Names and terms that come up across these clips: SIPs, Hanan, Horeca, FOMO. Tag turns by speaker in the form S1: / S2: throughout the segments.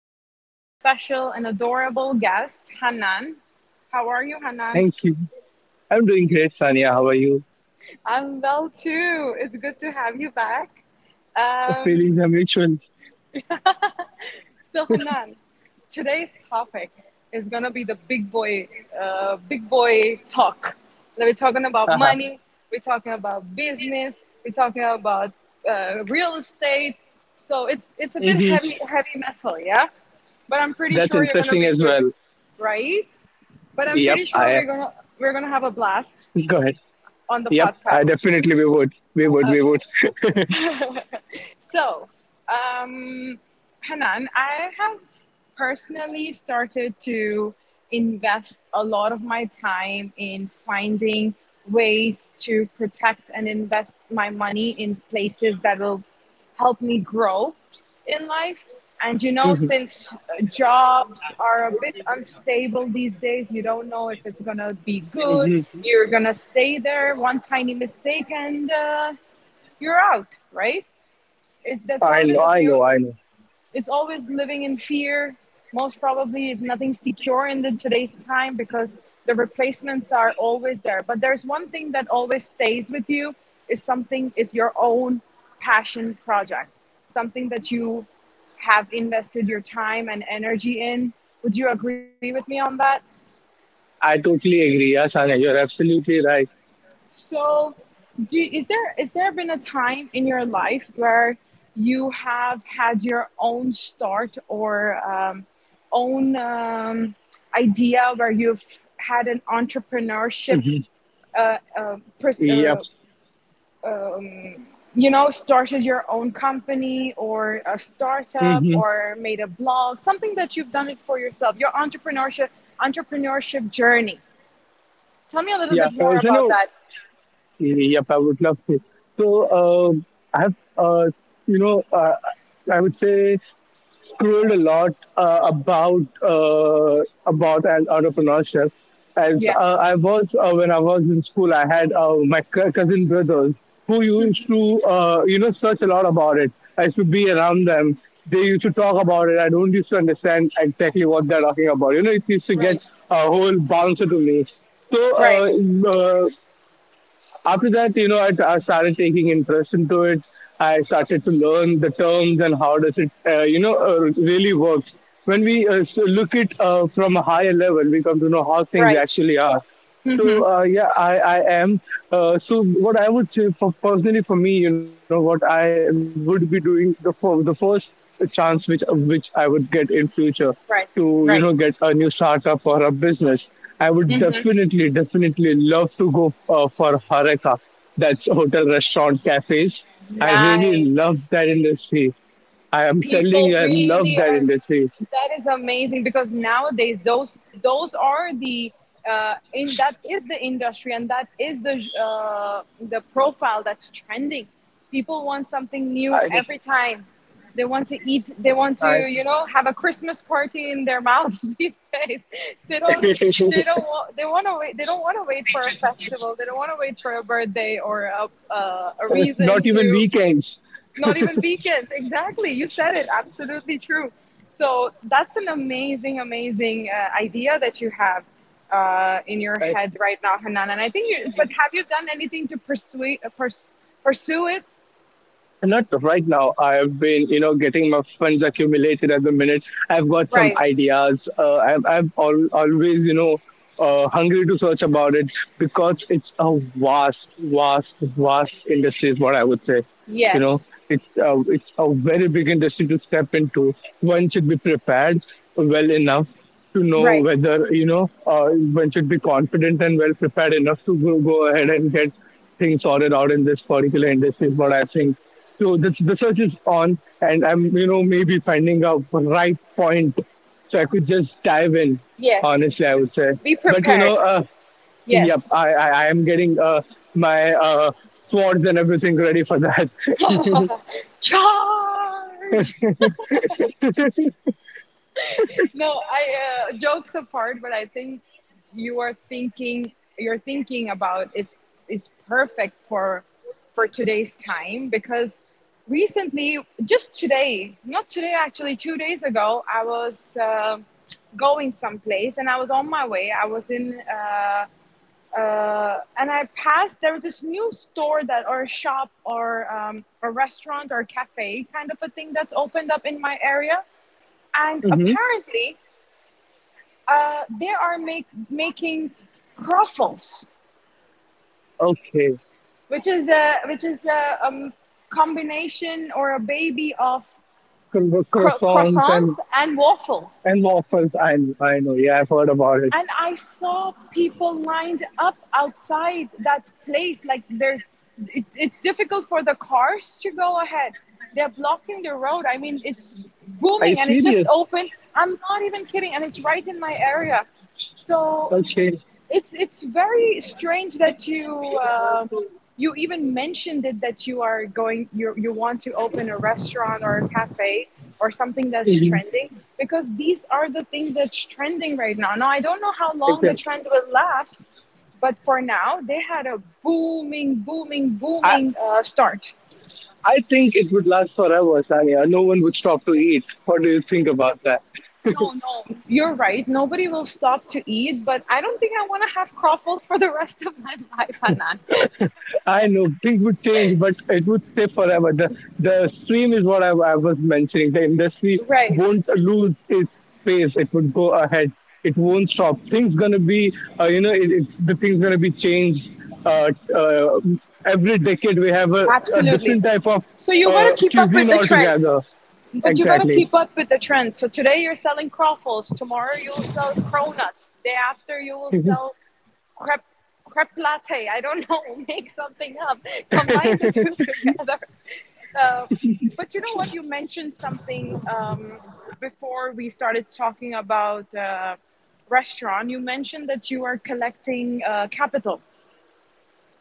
S1: with my special and adorable guest, Hanan. How are you, Hanan?
S2: Thank you. I'm doing great, Sania. How are you?
S1: I'm well too. It's good to have you back. Um,
S2: Feelings are mutual.
S1: So Hanan, today's topic is gonna be the big boy talk. So we're talking about
S2: Haha.
S1: money, we're talking about business, we're talking about real estate. So it's a bit
S2: Mhm.
S1: heavy heavy metal, yeah. But I'm pretty
S2: That's
S1: sure you're gonna
S2: interesting
S1: be
S2: as
S1: good,
S2: well.
S1: right? But I'm
S2: Yep,
S1: pretty sure
S2: I
S1: we're gonna have a
S2: go
S1: blast
S2: ahead.
S1: on
S2: Yep,
S1: the
S2: I
S1: podcast.
S2: definitely we would. We would, we
S1: Uh,
S2: would.
S1: so, um, Hanan, I have personally started to invest a lot of my time in finding ways to protect and invest my money in places that will help me grow in life. And
S2: Mhm.
S1: you know, since uh, jobs are a bit unstable these days, you don't know if it's gonna be good.
S2: Mhm.
S1: You're gonna stay there one tiny mistake and you're out, right? That's
S2: I
S1: how it is.
S2: know, I know, I know.
S1: It's always living in fear. Most probably, nothing's secure in today's time because the replacements are always there. But there's one thing that always stays with you is something is your own passion project, something that you have invested your time and energy in. Would you agree with me on that?
S2: I totally agree. Yeah, Sania, you're absolutely right.
S1: So, do is there been a time in your life where you have had your own start or own idea where you've had an entrepreneurship,
S2: Mhm.
S1: uh, uh, pers-
S2: Yep.
S1: uh, um, started your own company or a startup
S2: Hmm.
S1: or made a blog, something that you've done it for yourself, your entrepreneurship journey. Tell me a little
S2: Yeah.
S1: bit more
S2: So,
S1: about
S2: no,
S1: that.
S2: yep, I would love to. So, um I have, uh, you know, uh, I would say scrolled a lot uh, about uh, about an entrepreneurship. As
S1: Yeah.
S2: I was When I was in school, I had my cousin brothers who used to you know search a lot about it. I used to be around them. They used to talk about it. I don't used to understand exactly what they're talking about. You know, it used to get
S1: Right.
S2: a whole bouncer to me. So
S1: Right.
S2: uh, uh, After that, you know, I started taking interest into it. I started to learn the terms and how does it you know, really works. When we look it from a higher level, we come to know how things
S1: Right.
S2: actually are.
S1: hmm
S2: Yeah, I am. So what I would say for personally for me, you know, what I would be doing the the first chance which I would get in future
S1: Right.
S2: to you
S1: Right.
S2: know get a new startup or a business, I would
S1: Hmm.
S2: definitely love to go for Horeca. That's hotel, restaurant, cafes. I really love
S1: Nice.
S2: that industry. I am telling
S1: People
S2: you, I love
S1: really
S2: that
S1: are,
S2: industry.
S1: that is amazing because nowadays those are the in, that is the industry and that is the profile that's trending. People want something new
S2: I
S1: every time. They want to eat, they want to, have a Christmas party in their mouths these days. They don't, they don't want, they want to wait, they don't want to wait for a
S2: I
S1: festival, they don't want to wait for a birthday or a reason
S2: Not even
S1: to,
S2: weekends.
S1: not even weekends. Exactly. You said it. Absolutely true. So that's an amazing, amazing idea that you have in your
S2: I
S1: head right now, Hanan. And I think, you, but have you done anything to pursue pursue it?
S2: Not right now. I've been, you know, getting my funds accumulated at the minute. I've got some
S1: Right.
S2: ideas. I've, always, you know, hungry to search about it because it's a vast, vast, vast industry is what I would say. You know,
S1: Yes.
S2: it's a very big industry to step into. One should be prepared well enough to know
S1: Right.
S2: whether, you know, one should be confident and well prepared enough to go, go ahead and get things sorted out in this particular industry is what I think. So the search is on, and I'm, you know, maybe finding a right point. So I could just dive in,
S1: Yes.
S2: honestly, I would say.
S1: Be
S2: But, you
S1: prepared.
S2: know, yep,
S1: Yes.
S2: I am getting my swords and everything ready for that.
S1: Charge. No, I jokes apart, but I think you are thinking, you're thinking about is perfect for today's time because recently, just today, not today actually, 2 days ago, I was going someplace and I was on my way. I was in. And I passed. There was this new store that, or a shop, or a restaurant, or a cafe, kind of a thing that's opened up in my area. And
S2: Hmm.
S1: apparently, they are make, making croffles,
S2: Okay.
S1: which is a, which is a combination or a baby of
S2: Croissants
S1: croissants and waffles.
S2: and waffles. I know. Yeah, I've heard about it.
S1: And I saw people lined up outside that place. Like there's, it's difficult for the cars to go ahead. They're blocking the road. I mean, it's
S2: Are you
S1: booming and it just
S2: serious?
S1: opened. I'm not even kidding, and it's right in my area. So
S2: Okay.
S1: it's very strange that you uh, you even mentioned it, that you are going, you want to open a restaurant or a cafe or something that's
S2: Hmm.
S1: trending because these are the things that's trending right now. Now I don't know how long the
S2: Exactly.
S1: trend will last, but for now they had a booming, booming, booming start.
S2: I think it would last forever, Sanya. No one would stop to eat. What do you think about that?
S1: No, no, you're right. Nobody will stop to eat, but I don't think I want to have croffles for the rest of my life, Hanan.
S2: I know things would change, but it would stay forever. The stream is what I was mentioning. The industry
S1: Right.
S2: won't lose its pace. It would go ahead. It won't stop. You know, the things gonna be changed. Uh, uh, every decade we have a
S1: Absolutely.
S2: different type of
S1: So you got to keep up with
S2: cuisine
S1: the trend.
S2: altogether.
S1: But you got to
S2: Exactly.
S1: keep up with the trend. So today you're selling croffles. Tomorrow you'll sell cronuts. Day after you will sell crepe crepe latte. I don't know. Make something up.
S2: Mhm.
S1: Combine the two together. Uh, but you know what? You mentioned something before we started talking about restaurant. You mentioned that you are collecting capital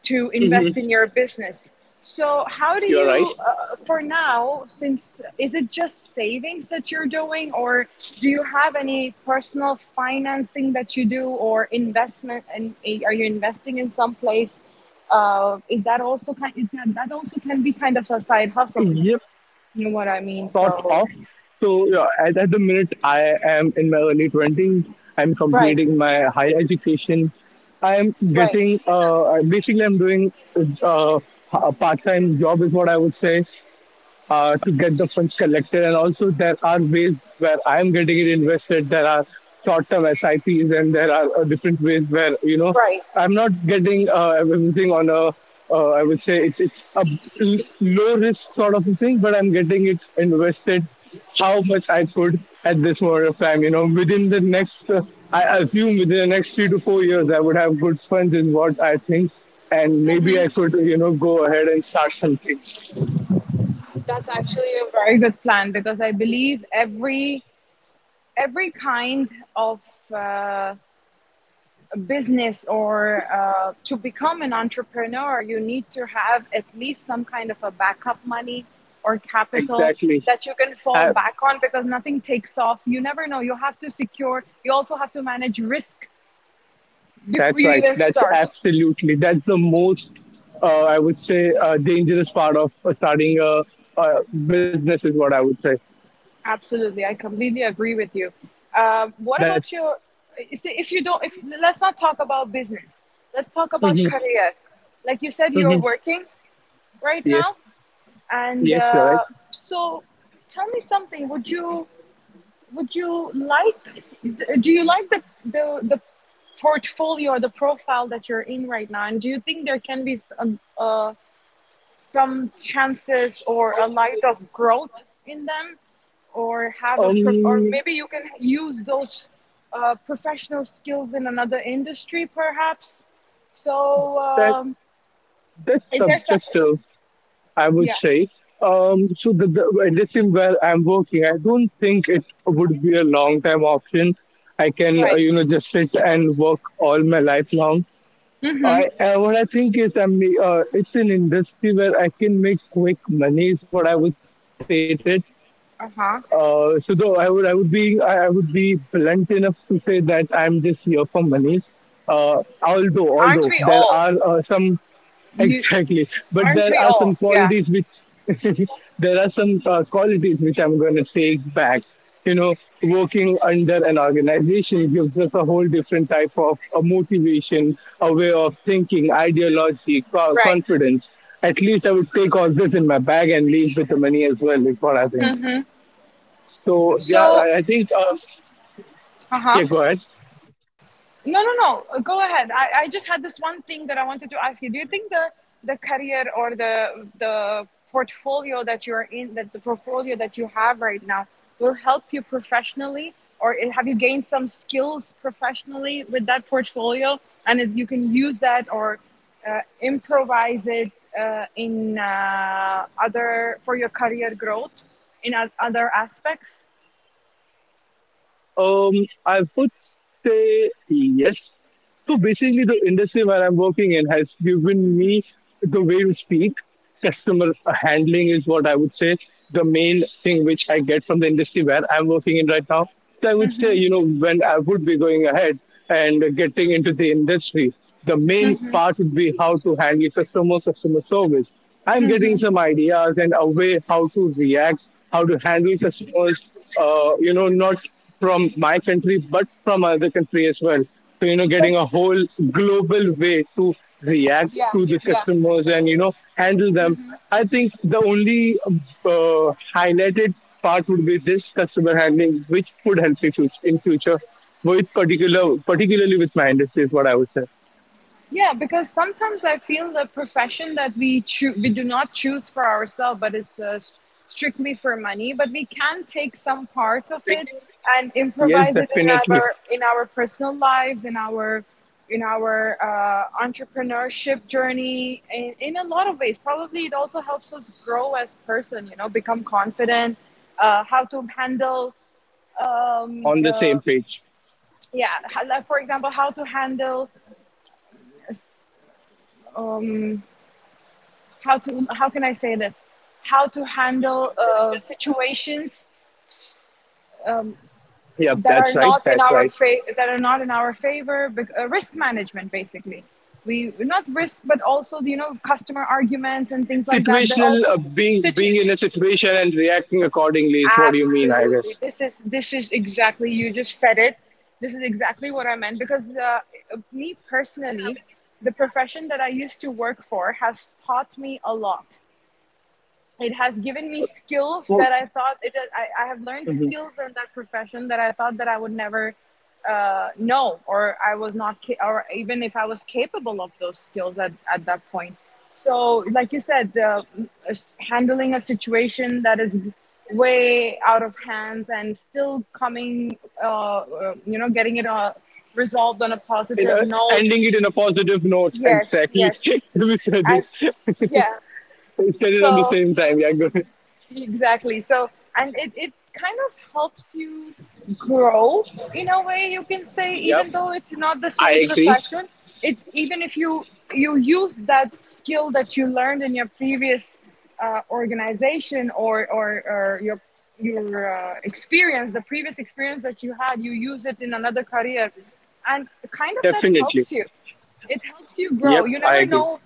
S1: to invest in your business. So,
S2: You're
S1: how do you, for now, since is it just savings that you're doing, or do you have any personal financing that you do, or investment? And in, are you investing in some place? Is that also kind? It can, that also can be kind of a side hustle,
S2: right.
S1: if you know what I mean.
S2: Sort of.
S1: So,
S2: So yeah, at the minute, I am in my early 20s. I'm
S1: right,
S2: completing my higher education. I'm
S1: right,
S2: getting, basically, I'm doing uh, a part time job, is what I would say to get the funds collected. And also, there are ways where I'm getting it invested. There are short-term SIPs, and there are different ways where you know
S1: right.
S2: I'm not getting everything on a. I would say it's a low risk sort of a thing, but I'm getting it invested how much I could at this moment of time. You know, within the next, I assume within the next 3 to 4 years, I would have good funds, is what I think, and maybe I could, you know, go ahead and start something.
S1: That's actually a very good plan because I believe every kind of. Uh, Business or to become an entrepreneur, you need to have at least some kind of a backup money or capital
S2: Exactly.
S1: that you can fall
S2: Uh,
S1: back on because nothing takes off. You never know. You have to secure, you also have to manage risk before
S2: that's
S1: you
S2: right.
S1: even
S2: That's
S1: start.
S2: absolutely. That's the most, I would say, dangerous part of starting a business is what I would say.
S1: Absolutely. I completely agree with you. What
S2: That's
S1: about your, see, if you don't, if let's not talk about business, let's talk about
S2: hmm
S1: career. Like you said, you're
S2: hmm
S1: working right
S2: yes,
S1: now. And
S2: yes,
S1: uh,
S2: you're right.
S1: so, Tell me something. Would you like? Do you like the portfolio, the profile that you're in right now? And do you think there can be some chances or a light of growth in them, or have a or
S2: Um,
S1: maybe you can use those professional skills in another industry, perhaps? So,
S2: that that's
S1: is there some?
S2: subjective, I would
S1: Yeah.
S2: say. So the industry where I'm working, I don't think it would be a long time option. I can,
S1: Right.
S2: you know, just sit and work all my life long.
S1: Mm-hmm.
S2: I what I think is I mean, it's an industry where I can make quick money is what I would state it.
S1: Uh
S2: So
S1: huh.
S2: though I would be blunt enough to say that I'm just here for monies. Uh, although
S1: Aren't
S2: there
S1: we
S2: are
S1: all?
S2: some
S1: You
S2: Exactly. But there
S1: aren't
S2: are
S1: we
S2: some
S1: all? Yeah,
S2: qualities which there are some qualities which I'm going to take back. You know, working under an organization gives us a whole different type of a motivation, a way of thinking, ideology,
S1: right.
S2: confidence. At least I would take all this in my bag and leave with the money as well, is what I think.
S1: Mm-hmm.
S2: So, yeah,
S1: So, uh
S2: yeah,
S1: huh.
S2: go ahead.
S1: No, no, no. Go ahead. I just had this one thing that I wanted to ask you. Do you think the career or the portfolio that you're in, that the portfolio that you have right now, will help you professionally, or have you gained some skills professionally with that portfolio, and if you can use that or improvise it in other, for your career growth in other aspects?
S2: Um, I would say yes. So basically, the industry where I'm working in has given me the way to speak. Customer handling is what I would say the main thing which I get from the industry where I'm working in right now. So I would say,
S1: Hmm.
S2: you know, when I would be going ahead and getting into the industry, the main
S1: Hmm.
S2: part would be how to handle customer, customer service. I'm getting
S1: Hmm.
S2: some ideas and a way how to react how to handle customers, you know, not from my country, but from other country as well. So, you know,
S1: But
S2: getting a whole global way to react
S1: yeah,
S2: to the
S1: yeah.
S2: customers and, you know, handle them. I think the only highlighted part would be this customer handling, which could help me in future with particularly with my industry is what I would say.
S1: Yeah, because sometimes I feel the profession that we we do not choose for ourselves, but it's strictly for money. But we can take some part of it and
S2: Yes,
S1: improvise it
S2: definitely
S1: in our personal lives, in our entrepreneurship journey, in a lot of ways. Probably it also helps us grow as person. You know, become confident, how to handle. Um,
S2: on the
S1: uh,
S2: same page.
S1: yeah, how- like, for example, how to handle um, how to how can I say this? How to handle situations
S2: Yep,
S1: that are
S2: that's right.
S1: not in
S2: That's
S1: our
S2: right.
S1: that are not in our favor. Risk management, basically. We not risk, but also you know customer arguments and things like that. That
S2: Situational,
S1: also
S2: being
S1: situ-
S2: being in a situation and reacting accordingly is what you mean, I guess.
S1: absolutely. This is exactly you just said it. This is exactly what I meant because me personally, the profession that I used to work for has taught me a lot. It has given me
S2: Oh,
S1: skills that I thought it. I
S2: mhm.
S1: have learned skills in that profession that I thought that I would never know, or I was not, or even if I was capable of those skills at that point. So, like you said, handling a situation that is way out of hands and still coming, you know, getting it resolved on a
S2: In
S1: positive
S2: a,
S1: note.
S2: ending it in a positive note,
S1: Yes,
S2: exactly.
S1: yes,
S2: We said
S1: I
S2: it.
S1: yeah.
S2: We said it on the
S1: So.
S2: same time, yeah, good.
S1: Exactly. So, and it kind of helps you grow in a way you can say,
S2: Yep,
S1: even though it's not the
S2: I
S1: same
S2: agree.
S1: profession, it even if you you use that skill that you learned in your previous organization or your experience, the previous experience that you had, you use it in another career, and kind of that
S2: Definitely.
S1: helps you. It helps you grow.
S2: Yep,
S1: You
S2: I
S1: never
S2: agree.
S1: know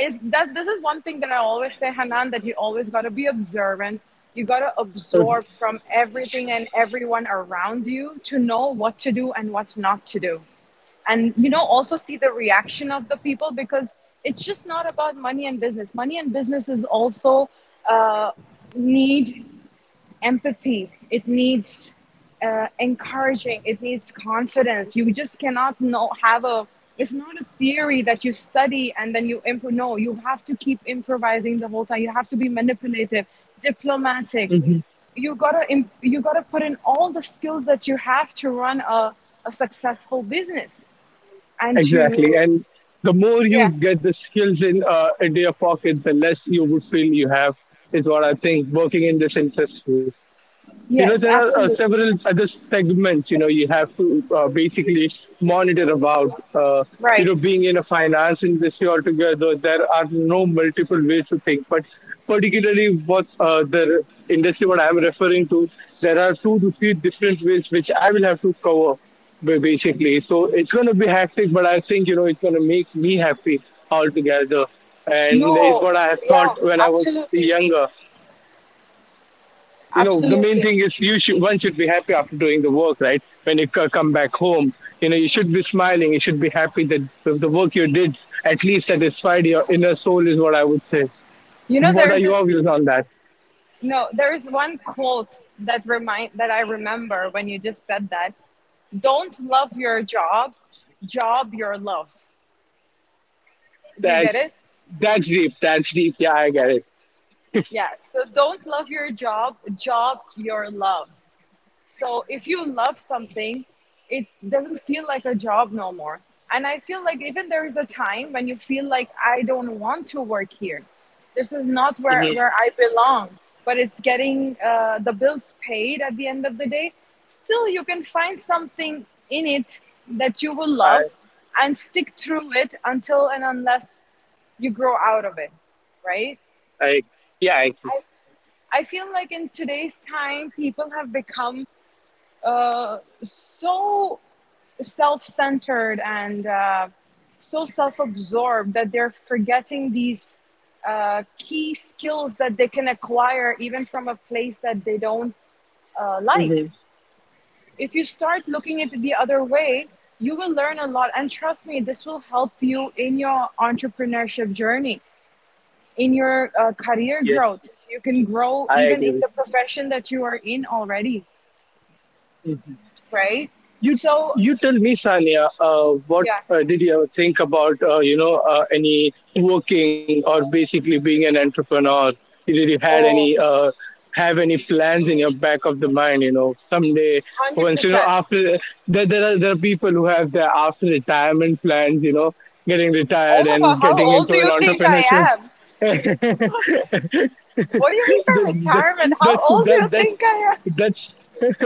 S1: is that this is one thing that I always say, Hanan, that you always got to be observant. You got to absorb from everything and everyone around you to know what to do and what not to do. And, you know, also see the reaction of the people because it's just not about money and business. Money and business is also uh, need empathy. It needs encouraging. It needs confidence. You just cannot know have a— it's not a theory that you study and then you improv. No, you have to keep improvising the whole time. You have to be manipulative, diplomatic.
S2: Mhm.
S1: You you gotta put in all the skills that you have to run a successful business and
S2: Exactly.
S1: to—
S2: And the more
S1: yeah,
S2: you get the skills in into your pocket, the less you would feel you have is what I think. Working in this industry, you know, there
S1: yes,
S2: are
S1: absolutely,
S2: several other segments. You know, you have to basically monitor about uh, you
S1: right,
S2: know being in a finance industry altogether. There are no multiple ways to think, but particularly what the industry what I'm referring to, there are two to three different ways which I will have to cover, basically. So it's going to be hectic, but I think you know it's going to make me happy altogether. And it's
S1: no,
S2: what I have thought
S1: yeah,
S2: when I was
S1: absolutely,
S2: younger. You know, the main
S1: absolutely.
S2: thing is you should, one should be happy after doing the work, right? When you come back home, you know, you should be smiling, you should be happy that the work you did at least satisfied your inner soul is what I would say.
S1: You know
S2: What are
S1: there's
S2: your
S1: this
S2: views on that?
S1: No, there is one quote that remind that I remember when you just said that. Don't love your job, job your love. Do you get
S2: that's
S1: it?
S2: that's deep. That's deep. Yeah, I get it.
S1: Yeah. So don't love your job, job your love. So if you love something, it doesn't feel like a job no more. And I feel like even there is a time when you feel like I don't want to work here. This is not
S2: Hmm.
S1: where I belong, but it's getting the bills paid at the end of the day. Still, you can find something in it that you will
S2: i
S1: love and stick through it until and unless you grow out of it, right?
S2: I yeah I,
S1: I, I feel like in today's time, people have become so self-centered and so self-absorbed that they're forgetting these key skills that they can acquire even from a place that they don't like.
S2: hmm
S1: If you start looking at it the other way, you will learn a lot. And trust me, this will help you in your entrepreneurship journey, in your career
S2: yes
S1: growth. You can grow
S2: I
S1: even in
S2: agree.
S1: the profession that you are in already,
S2: Mm-hmm.
S1: right?
S2: You
S1: So,
S2: you tell me, Sania, what
S1: yeah.
S2: did you ever think about you know any working or basically being an entrepreneur? Did you had
S1: Oh,
S2: any have any plans in your back of the mind? You know, someday once you know
S1: 100%.
S2: after there are people who have their after retirement plans. You know, getting
S1: Oh
S2: retired
S1: my God,
S2: and
S1: how
S2: getting
S1: old do
S2: into an
S1: you think
S2: entrepreneurship
S1: I am? What do you mean by
S2: That-
S1: retirement? How
S2: that's
S1: old do
S2: that
S1: you
S2: that's
S1: think I am?
S2: that's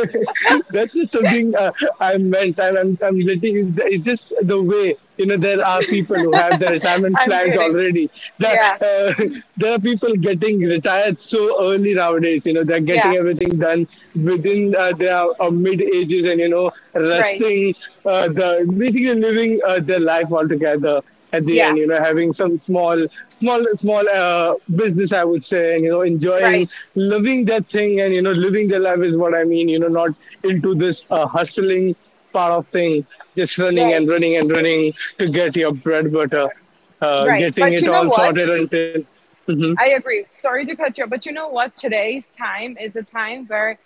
S2: that's not something I meant. I'm letting it's just the way you know there are people who have their retirement
S1: I'm
S2: plans
S1: kidding.
S2: already. The,
S1: Yeah,
S2: uh, there are people getting retired so early nowadays. You know they're getting
S1: yeah,
S2: everything done within their mid ages and you know
S1: right.
S2: resting the basically living their life altogether at the
S1: Yeah,
S2: end. You know having some small business I would say and you know
S1: right,
S2: enjoying loving that thing and you know living their life is what I mean. You know, not into this hustling part of thing, just running
S1: right,
S2: and running and running to get your bread butter,
S1: right.
S2: getting
S1: But
S2: it
S1: you know
S2: all
S1: what?
S2: sorted until hmm
S1: I agree. Sorry to cut you, off, but you know what? Today's time is a time where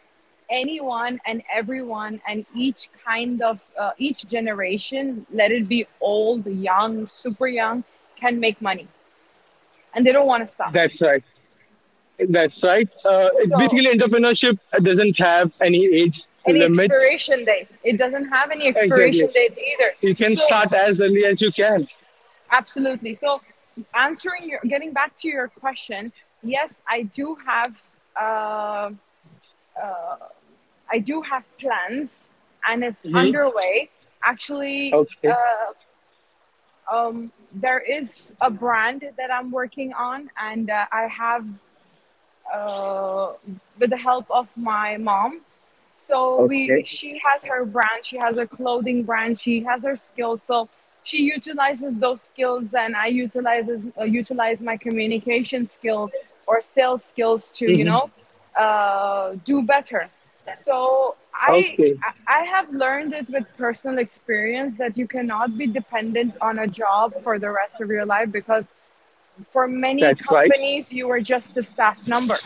S1: anyone and everyone and each kind of each generation, let it be old, young, super young, can make money and they don't want to stop,
S2: that's right that's right
S1: so
S2: basically entrepreneurship doesn't have any age
S1: any
S2: limits.
S1: expiration date. It doesn't have any
S2: Exactly,
S1: expiration date either.
S2: you can
S1: So,
S2: start as early as you can.
S1: absolutely. So, answering getting back to your question, yes, uh, I do have plans, and it's
S2: Hmm.
S1: underway. Actually,
S2: Okay.
S1: there is a brand that I'm working on, and I have uh, with the help of my mom. So
S2: Okay.
S1: she has her brand, she has her clothing brand, she has her skills. So she utilizes those skills, and I utilizes utilize my communication skills or sales skills to
S2: Hmm.
S1: you know do better. So
S2: Okay.
S1: I have learned it with personal experience that you cannot be dependent on a job for the rest of your life, because for many
S2: That's right.
S1: companies you are just a staff number.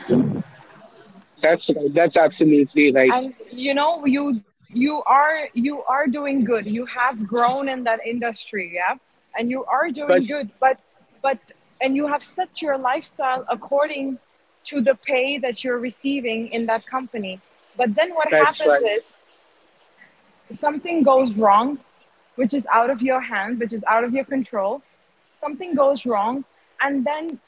S2: That's right. That's absolutely right.
S1: And you know you you are doing good, you have grown in that industry, yeah, and you are doing
S2: But
S1: good. But— and you have set your lifestyle according to the pay that you're receiving in that company. But then what
S2: that's
S1: happens
S2: right.
S1: is something goes wrong, which is out of your hand, which is out of your control, something goes wrong, and then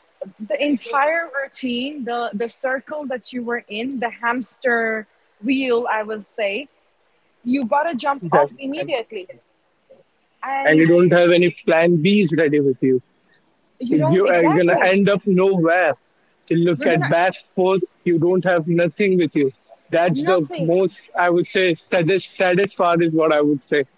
S1: the entire routine, the circle that you were in, the hamster wheel, I will say, you gotta jump
S2: That's
S1: off
S2: right.
S1: immediately,
S2: And you
S1: and
S2: don't have any plan Bs ready with you.
S1: you don't,
S2: You are gonna
S1: exactly.
S2: end up nowhere. You look
S1: We're
S2: at
S1: gonna—
S2: back forth, you don't have nothing with you. That's the
S1: nothing.
S2: most I would say saddest part is what I would say.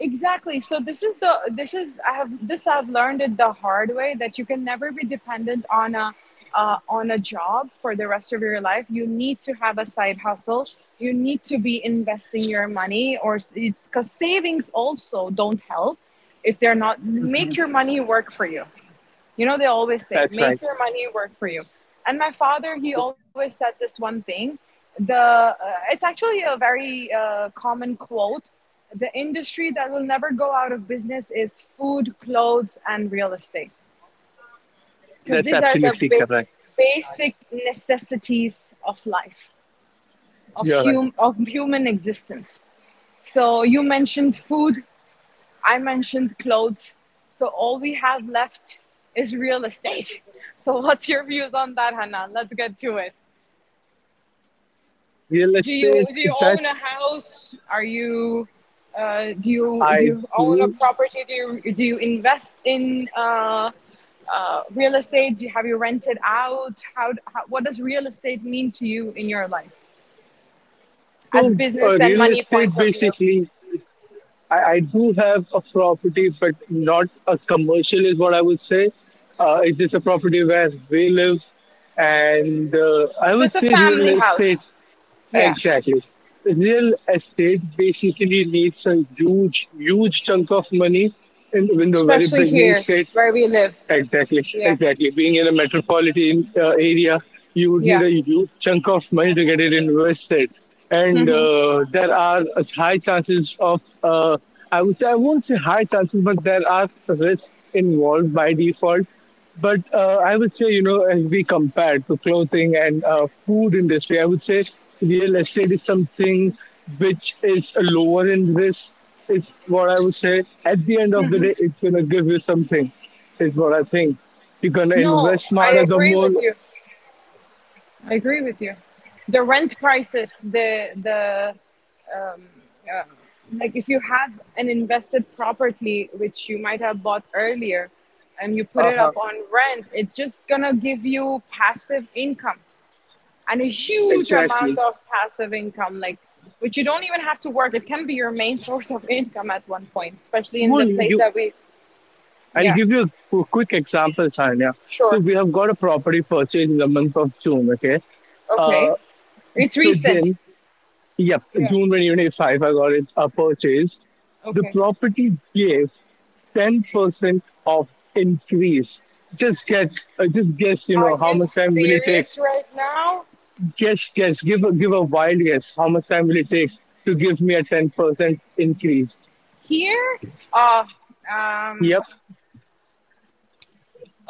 S1: Exactly. So this is I have this I've learned it the hard way that you can never be dependent on a job for the rest of your life. You need to have a side hustle. You need to be investing your money, it's because savings also don't help if they're not make your
S2: Mhm.
S1: money work for you. You know, they always say,
S2: That's
S1: make your
S2: right.
S1: money work for you. And my father, he always said this one thing. The it's actually a very common quote. The industry that will never go out of business is food, clothes, and real estate, because these are
S2: That's
S1: the
S2: absolutely correct.
S1: basic necessities of life, of
S2: You're right.
S1: of human existence. So you mentioned food. I mentioned clothes. So all we have left is real estate. So what's your views on that, Hanan? Let's get to it.
S2: Real estate
S1: Do you
S2: that's
S1: own a house? Are you do
S2: I
S1: you own a
S2: do.
S1: property? Do you invest in real estate? Do you, have you rented out? How what does real estate mean to you in your life, as
S2: So
S1: business and
S2: real
S1: money
S2: estate
S1: point of view?
S2: basically I do have a property, but not a commercial, is what I would say. It's just a property where we live, and I
S1: So
S2: would
S1: it's a
S2: say
S1: family
S2: real estate
S1: house, yeah,
S2: exactly. Real estate basically needs a huge, huge chunk of money in the very
S1: especially
S2: beginning
S1: here
S2: stage.
S1: where we live,
S2: Exactly,
S1: yeah.
S2: exactly. Being in a metropolitan area, you would need
S1: Yeah.
S2: a huge chunk of money to get it invested, and
S1: Hmm.
S2: there are a high chances of. I would say I won't say high chances, but there are risks involved by default. But I would say, you know, as we compare to clothing and food industry, I would say real estate is something which is lower in risk. It's what I would say. At the end of the day, it's gonna give you something is what I think. You're gonna
S1: No,
S2: invest
S1: I
S2: smarter the
S1: agree
S2: more.
S1: with you. I agree with you. The rent prices, the um, uh, like if you have an invested property which you might have bought earlier, and you put it
S2: Uh-huh.
S1: up on rent, it's just gonna give you passive income and a huge amount
S2: Exactly.
S1: of passive income, like which you don't even have to work. It can be your main source of income at one point, especially in the
S2: Shimon,
S1: place
S2: you,
S1: that we—
S2: I'll
S1: yeah,
S2: give you a quick example, Sanya.
S1: sure,
S2: So we have got a property purchase in the month of June. Okay. Uh,
S1: okay. It's recent.
S2: within yep,
S1: Yeah.
S2: June 2025, I got it a purchase. The
S1: Okay.
S2: property gave 10% of increase. Just get, just guess. You
S1: Are
S2: know how
S1: you
S2: much time will it take?
S1: serious right now?
S2: Just guess, give give a wild guess. How much time will it take to give me a 10% increase?
S1: Here? Uh
S2: Yep,
S1: um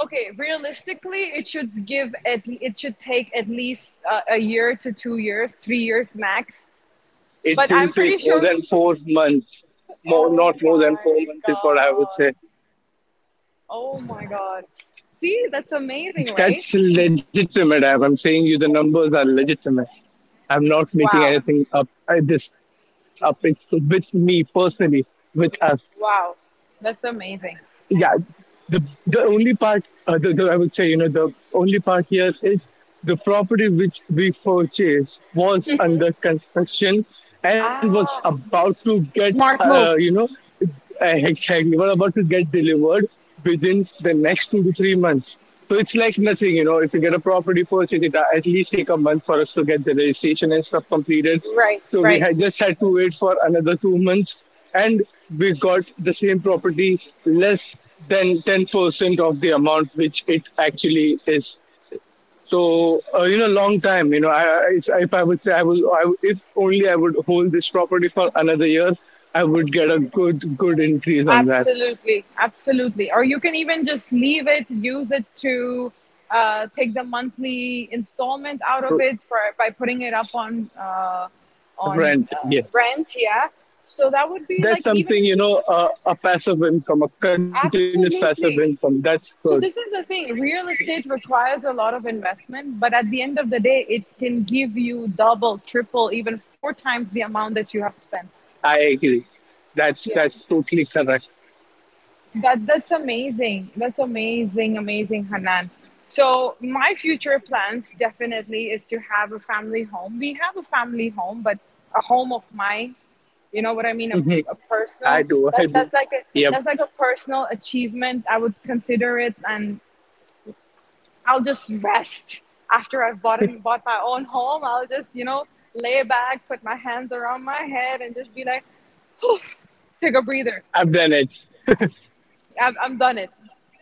S1: okay, realistically it should give at it should take at least a year to 2 years, 3 years max.
S2: it
S1: But
S2: will
S1: I'm
S2: take
S1: pretty
S2: more
S1: sure—
S2: than 4 months. More, not
S1: oh
S2: more than four
S1: my
S2: months is what I would
S1: god.
S2: say.
S1: Oh my god. See, that's amazing, right?
S2: That's legitimate. I'm saying you the numbers are legitimate. I'm not making
S1: Wow.
S2: anything up. I, this up. It's with me personally, with us.
S1: Wow. That's amazing.
S2: Yeah, the the only part the I would say you know the only part here is the property which we purchased was under construction and was
S1: Ah,
S2: about to get
S1: smart move.
S2: you know. Exactly. We're about to get delivered within the next 2 to 3 months. So it's like nothing, you know. If you get a property purchase, it at least take a month for us to get the registration and stuff completed.
S1: Right,
S2: So we
S1: right.
S2: had just had to wait for another 2 months, and we got the same property less than 10% of the amount which it actually is. So you know, long time. You know, if I would say I will, if only I would hold this property for another year, I would get a good increase on that
S1: Absolutely, absolutely. Or you can even just leave it, use it to take the monthly installment out
S2: r-
S1: of it by putting it up on
S2: rent. Yes,
S1: rent. Yeah. So that would be
S2: that's
S1: like even
S2: something you know, a passive income, a continuous passive income.
S1: absolutely.
S2: That's good.
S1: So this is the thing. Real estate requires a lot of investment, but at the end of the day, it can give you double, triple, even four times the amount that you have spent.
S2: I agree. That's totally correct.
S1: That's amazing. That's amazing, amazing, Hanan. So my future plans definitely is to have a family home. We have a family home, but a home of mine. You know what I mean?
S2: Mhm.
S1: A
S2: I
S1: personal.
S2: do. I do.
S1: That's like a—
S2: Yep.
S1: that's like a personal achievement. I would consider it, and I'll just rest after I've bought my own home. I'll just you know lay back, put my hands around my head, and just be like, "Whew, take a breather.
S2: I've done it.
S1: I'm done it.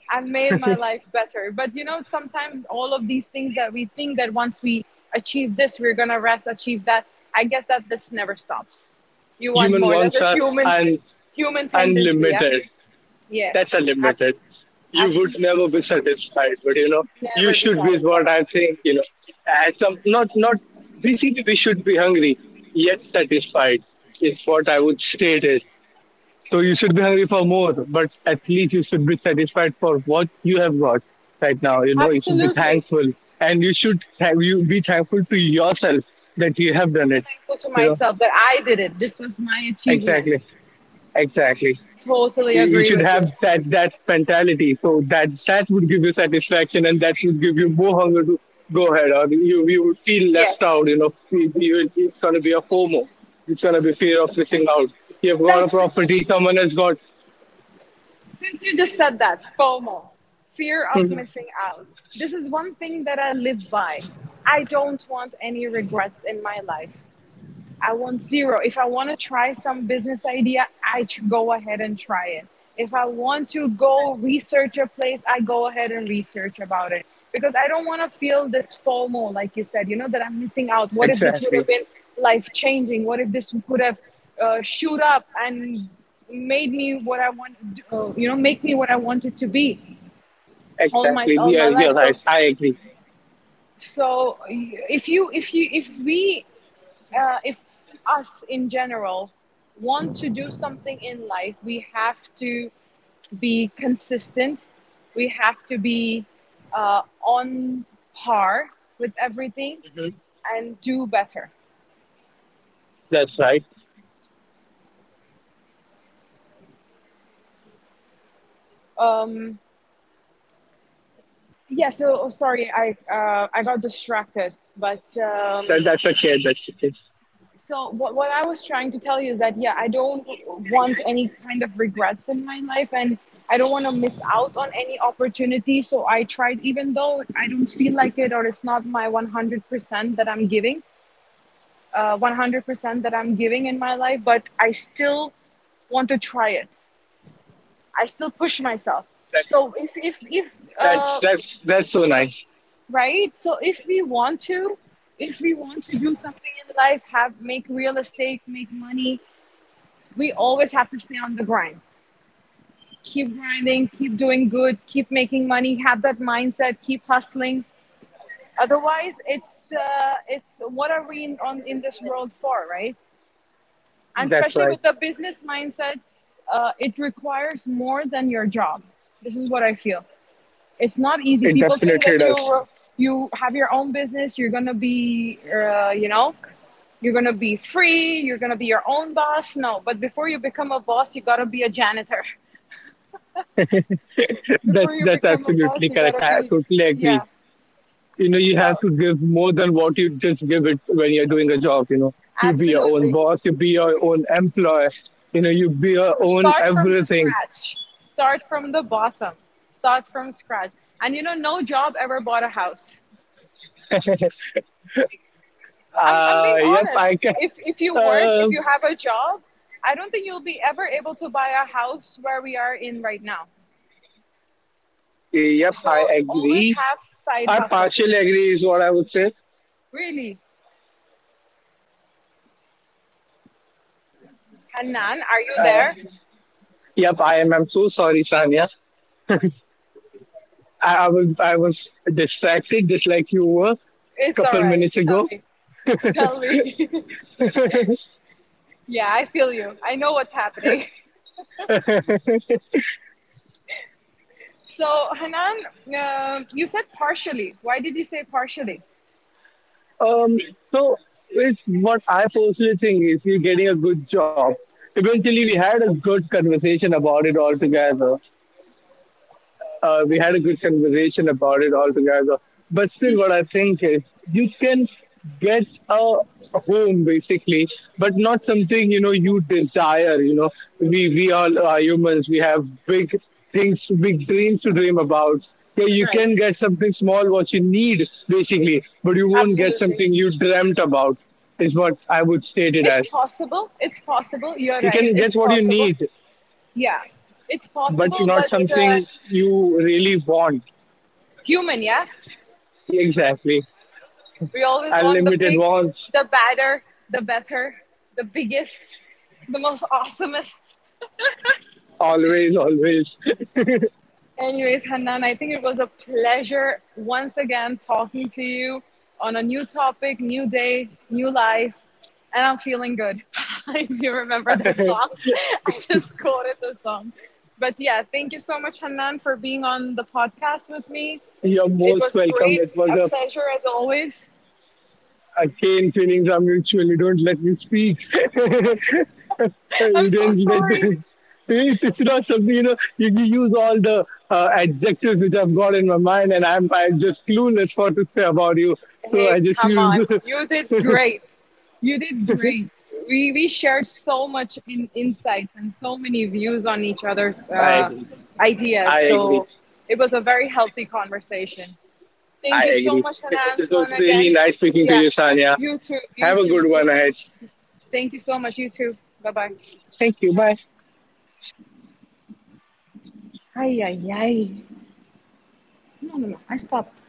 S1: I've made my life better. But you know, sometimes all of these things that we think that once we achieve this, we're gonna rest, achieve that. I guess that this never stops. You want
S2: Human
S1: more. That's
S2: wants
S1: a
S2: are un,
S1: human tendency. Yeah.
S2: unlimited.
S1: Yes.
S2: That's
S1: Abs-
S2: unlimited. You would
S1: absolutely.
S2: never be satisfied, but you know, you
S1: Never be
S2: should be what
S1: satisfied.
S2: I'm saying, you know. At some not not basically we should be hungry, yet satisfied. It's what I would state it. So you should be hungry for more, but at least you should be satisfied for what you have got right now. You know, you should be
S1: Absolutely.
S2: thankful and you should have you be thankful to yourself that you have done it.
S1: Thankful to
S2: You know,
S1: myself that I did it. This was my achievement.
S2: exactly. Exactly.
S1: Totally
S2: You
S1: agree
S2: should
S1: with
S2: have
S1: you.
S2: that mentality. So that would give you satisfaction, and that should give you more hunger to go ahead. Or you would feel left
S1: Yes.
S2: out. It's going to be a FOMO. It's going to be fear of missing out. You've got a
S1: That's—
S2: property, someone has got.
S1: since you just said that, FOMO, fear of
S2: Mhm.
S1: missing out. This is one thing that I live by. I don't want any regrets in my life. I want zero. If I want to try some business idea, I go ahead and try it. If I want to go research a place, I go ahead and research about it, because I don't want to feel this FOMO, like you said, you know, that I'm missing out. What if this would have
S2: Exactly,
S1: been life changing? What if this could have shoot up and made me what I want, you know, make me what I wanted to be all
S2: exactly. Yeah,
S1: my life.
S2: you're right.
S1: So
S2: I agree.
S1: if we if us in general want to do something in life, we have to be consistent. We have to be on par with everything
S2: Mhm.
S1: and do better.
S2: That's right.
S1: Um, yeah. So oh, sorry, I got distracted, but
S2: That that's okay. That's okay.
S1: so what I was trying to tell you is that yeah, I don't want any kind of regrets in my life, and I don't want to miss out on any opportunity. So I tried, even though I don't feel like it, or it's not my 100% that I'm giving, 100% that I'm giving in my life, but I still want to try it. I still push myself.
S2: That's
S1: So if
S2: that's
S1: uh
S2: that's that's so nice.
S1: right, so if we want to, if we want to do something in life, have make real estate, make money, we always have to stay on the grind. Keep grinding, keep doing good, keep making money, have that mindset, keep hustling. Otherwise, it's what are we on in this world for, right? And
S2: That's
S1: especially with
S2: right.
S1: the business mindset, it requires more than your job. This is what I feel. It's not easy.
S2: It
S1: People think
S2: definitely
S1: that
S2: does.
S1: you have your own business, you're gonna be, you know, you're gonna be free, you're gonna be your own boss. No, but before you become a boss, you gotta be a janitor. Before
S2: that's
S1: you
S2: that's
S1: become a boss,
S2: absolutely
S1: you
S2: correct.
S1: gotta
S2: I
S1: be,
S2: totally agree.
S1: yeah.
S2: You know you have
S1: So,
S2: to give more than what you just give it when you're doing a job, you know, you be your own
S1: absolutely.
S2: boss, you be your own employer, you know, you be your own
S1: Start from
S2: everything.
S1: scratch. Start from the bottom. Start from scratch. And you know, no job ever bought a house.
S2: uh,
S1: I'm being
S2: yep, I
S1: honest.
S2: can.
S1: If you work, if
S2: uh,
S1: you have a job, I don't think you'll be ever able to buy a house where we are in right now.
S2: yep,
S1: So,
S2: I
S1: always
S2: agree.
S1: have side
S2: I
S1: hustle.
S2: partially agree is what I would say.
S1: Really. Hanan, are you
S2: uh,
S1: there?
S2: yep, I am. I'm so sorry, Sanya. I, I was I was distracted just like you were a
S1: It's all
S2: couple
S1: right.
S2: minutes
S1: Tell
S2: ago.
S1: me. Tell me. Yeah, I feel you. I know what's happening. So, Hanan, you said partially. Why did you say partially?
S2: Um, so it's what I personally think is we're getting a good job. Eventually, we had a good conversation about it all together. We had a good conversation about it all together. But still, what I think is you can get a home basically, but not something you know you desire, you know, we all are humans, we have big things, big dreams to dream about. Yeah, you
S1: Right.
S2: can get something small what you need basically, but you won't get
S1: Absolutely.
S2: something you dreamt about is what I would state it
S1: It's
S2: as.
S1: possible. It's possible. You're
S2: You
S1: right.
S2: can get
S1: It's
S2: what you
S1: possible.
S2: need
S1: Yeah. It's
S2: but
S1: possible,
S2: not
S1: but
S2: something you really want.
S1: human, yeah?
S2: Exactly.
S1: We always want the
S2: Unlimited
S1: big,
S2: wants.
S1: the badder, the better, the biggest, the most awesomest.
S2: Always, always.
S1: Anyways, Hanan, I think it was a pleasure once again talking to you on a new topic, new day, new life, and I'm feeling good. If you remember the song, I just quoted the song. But yeah, thank you so much, Hanan, for being on the podcast with me.
S2: You're
S1: It
S2: most
S1: was
S2: welcome.
S1: great, a pleasure as always.
S2: A cane feelings are mutual. You don't let me speak. You
S1: I'm so
S2: didn't let
S1: sorry.
S2: me. It's not something, you know, you use all the adjectives which I've got in my mind and I'm just clueless what to say about you. So I
S1: Hey,
S2: just
S1: come
S2: use.
S1: on. You did great. You did great. We shared so much in insights and so many views on each other's
S2: I agree.
S1: ideas.
S2: I agree.
S1: So it was a very healthy conversation.
S2: I
S1: Thank you so
S2: agree.
S1: much,
S2: It was,
S1: Hanan
S2: it
S1: Swan,
S2: was really
S1: again.
S2: nice speaking to
S1: Yeah,
S2: you, Sanya.
S1: you too. You
S2: Have a
S1: too.
S2: good
S1: Ta—
S2: one ahead.
S1: thank you so much. You too. Bye bye.
S2: Thank you. Bye.
S1: Ay, ay, ay. No, no, no. I stopped.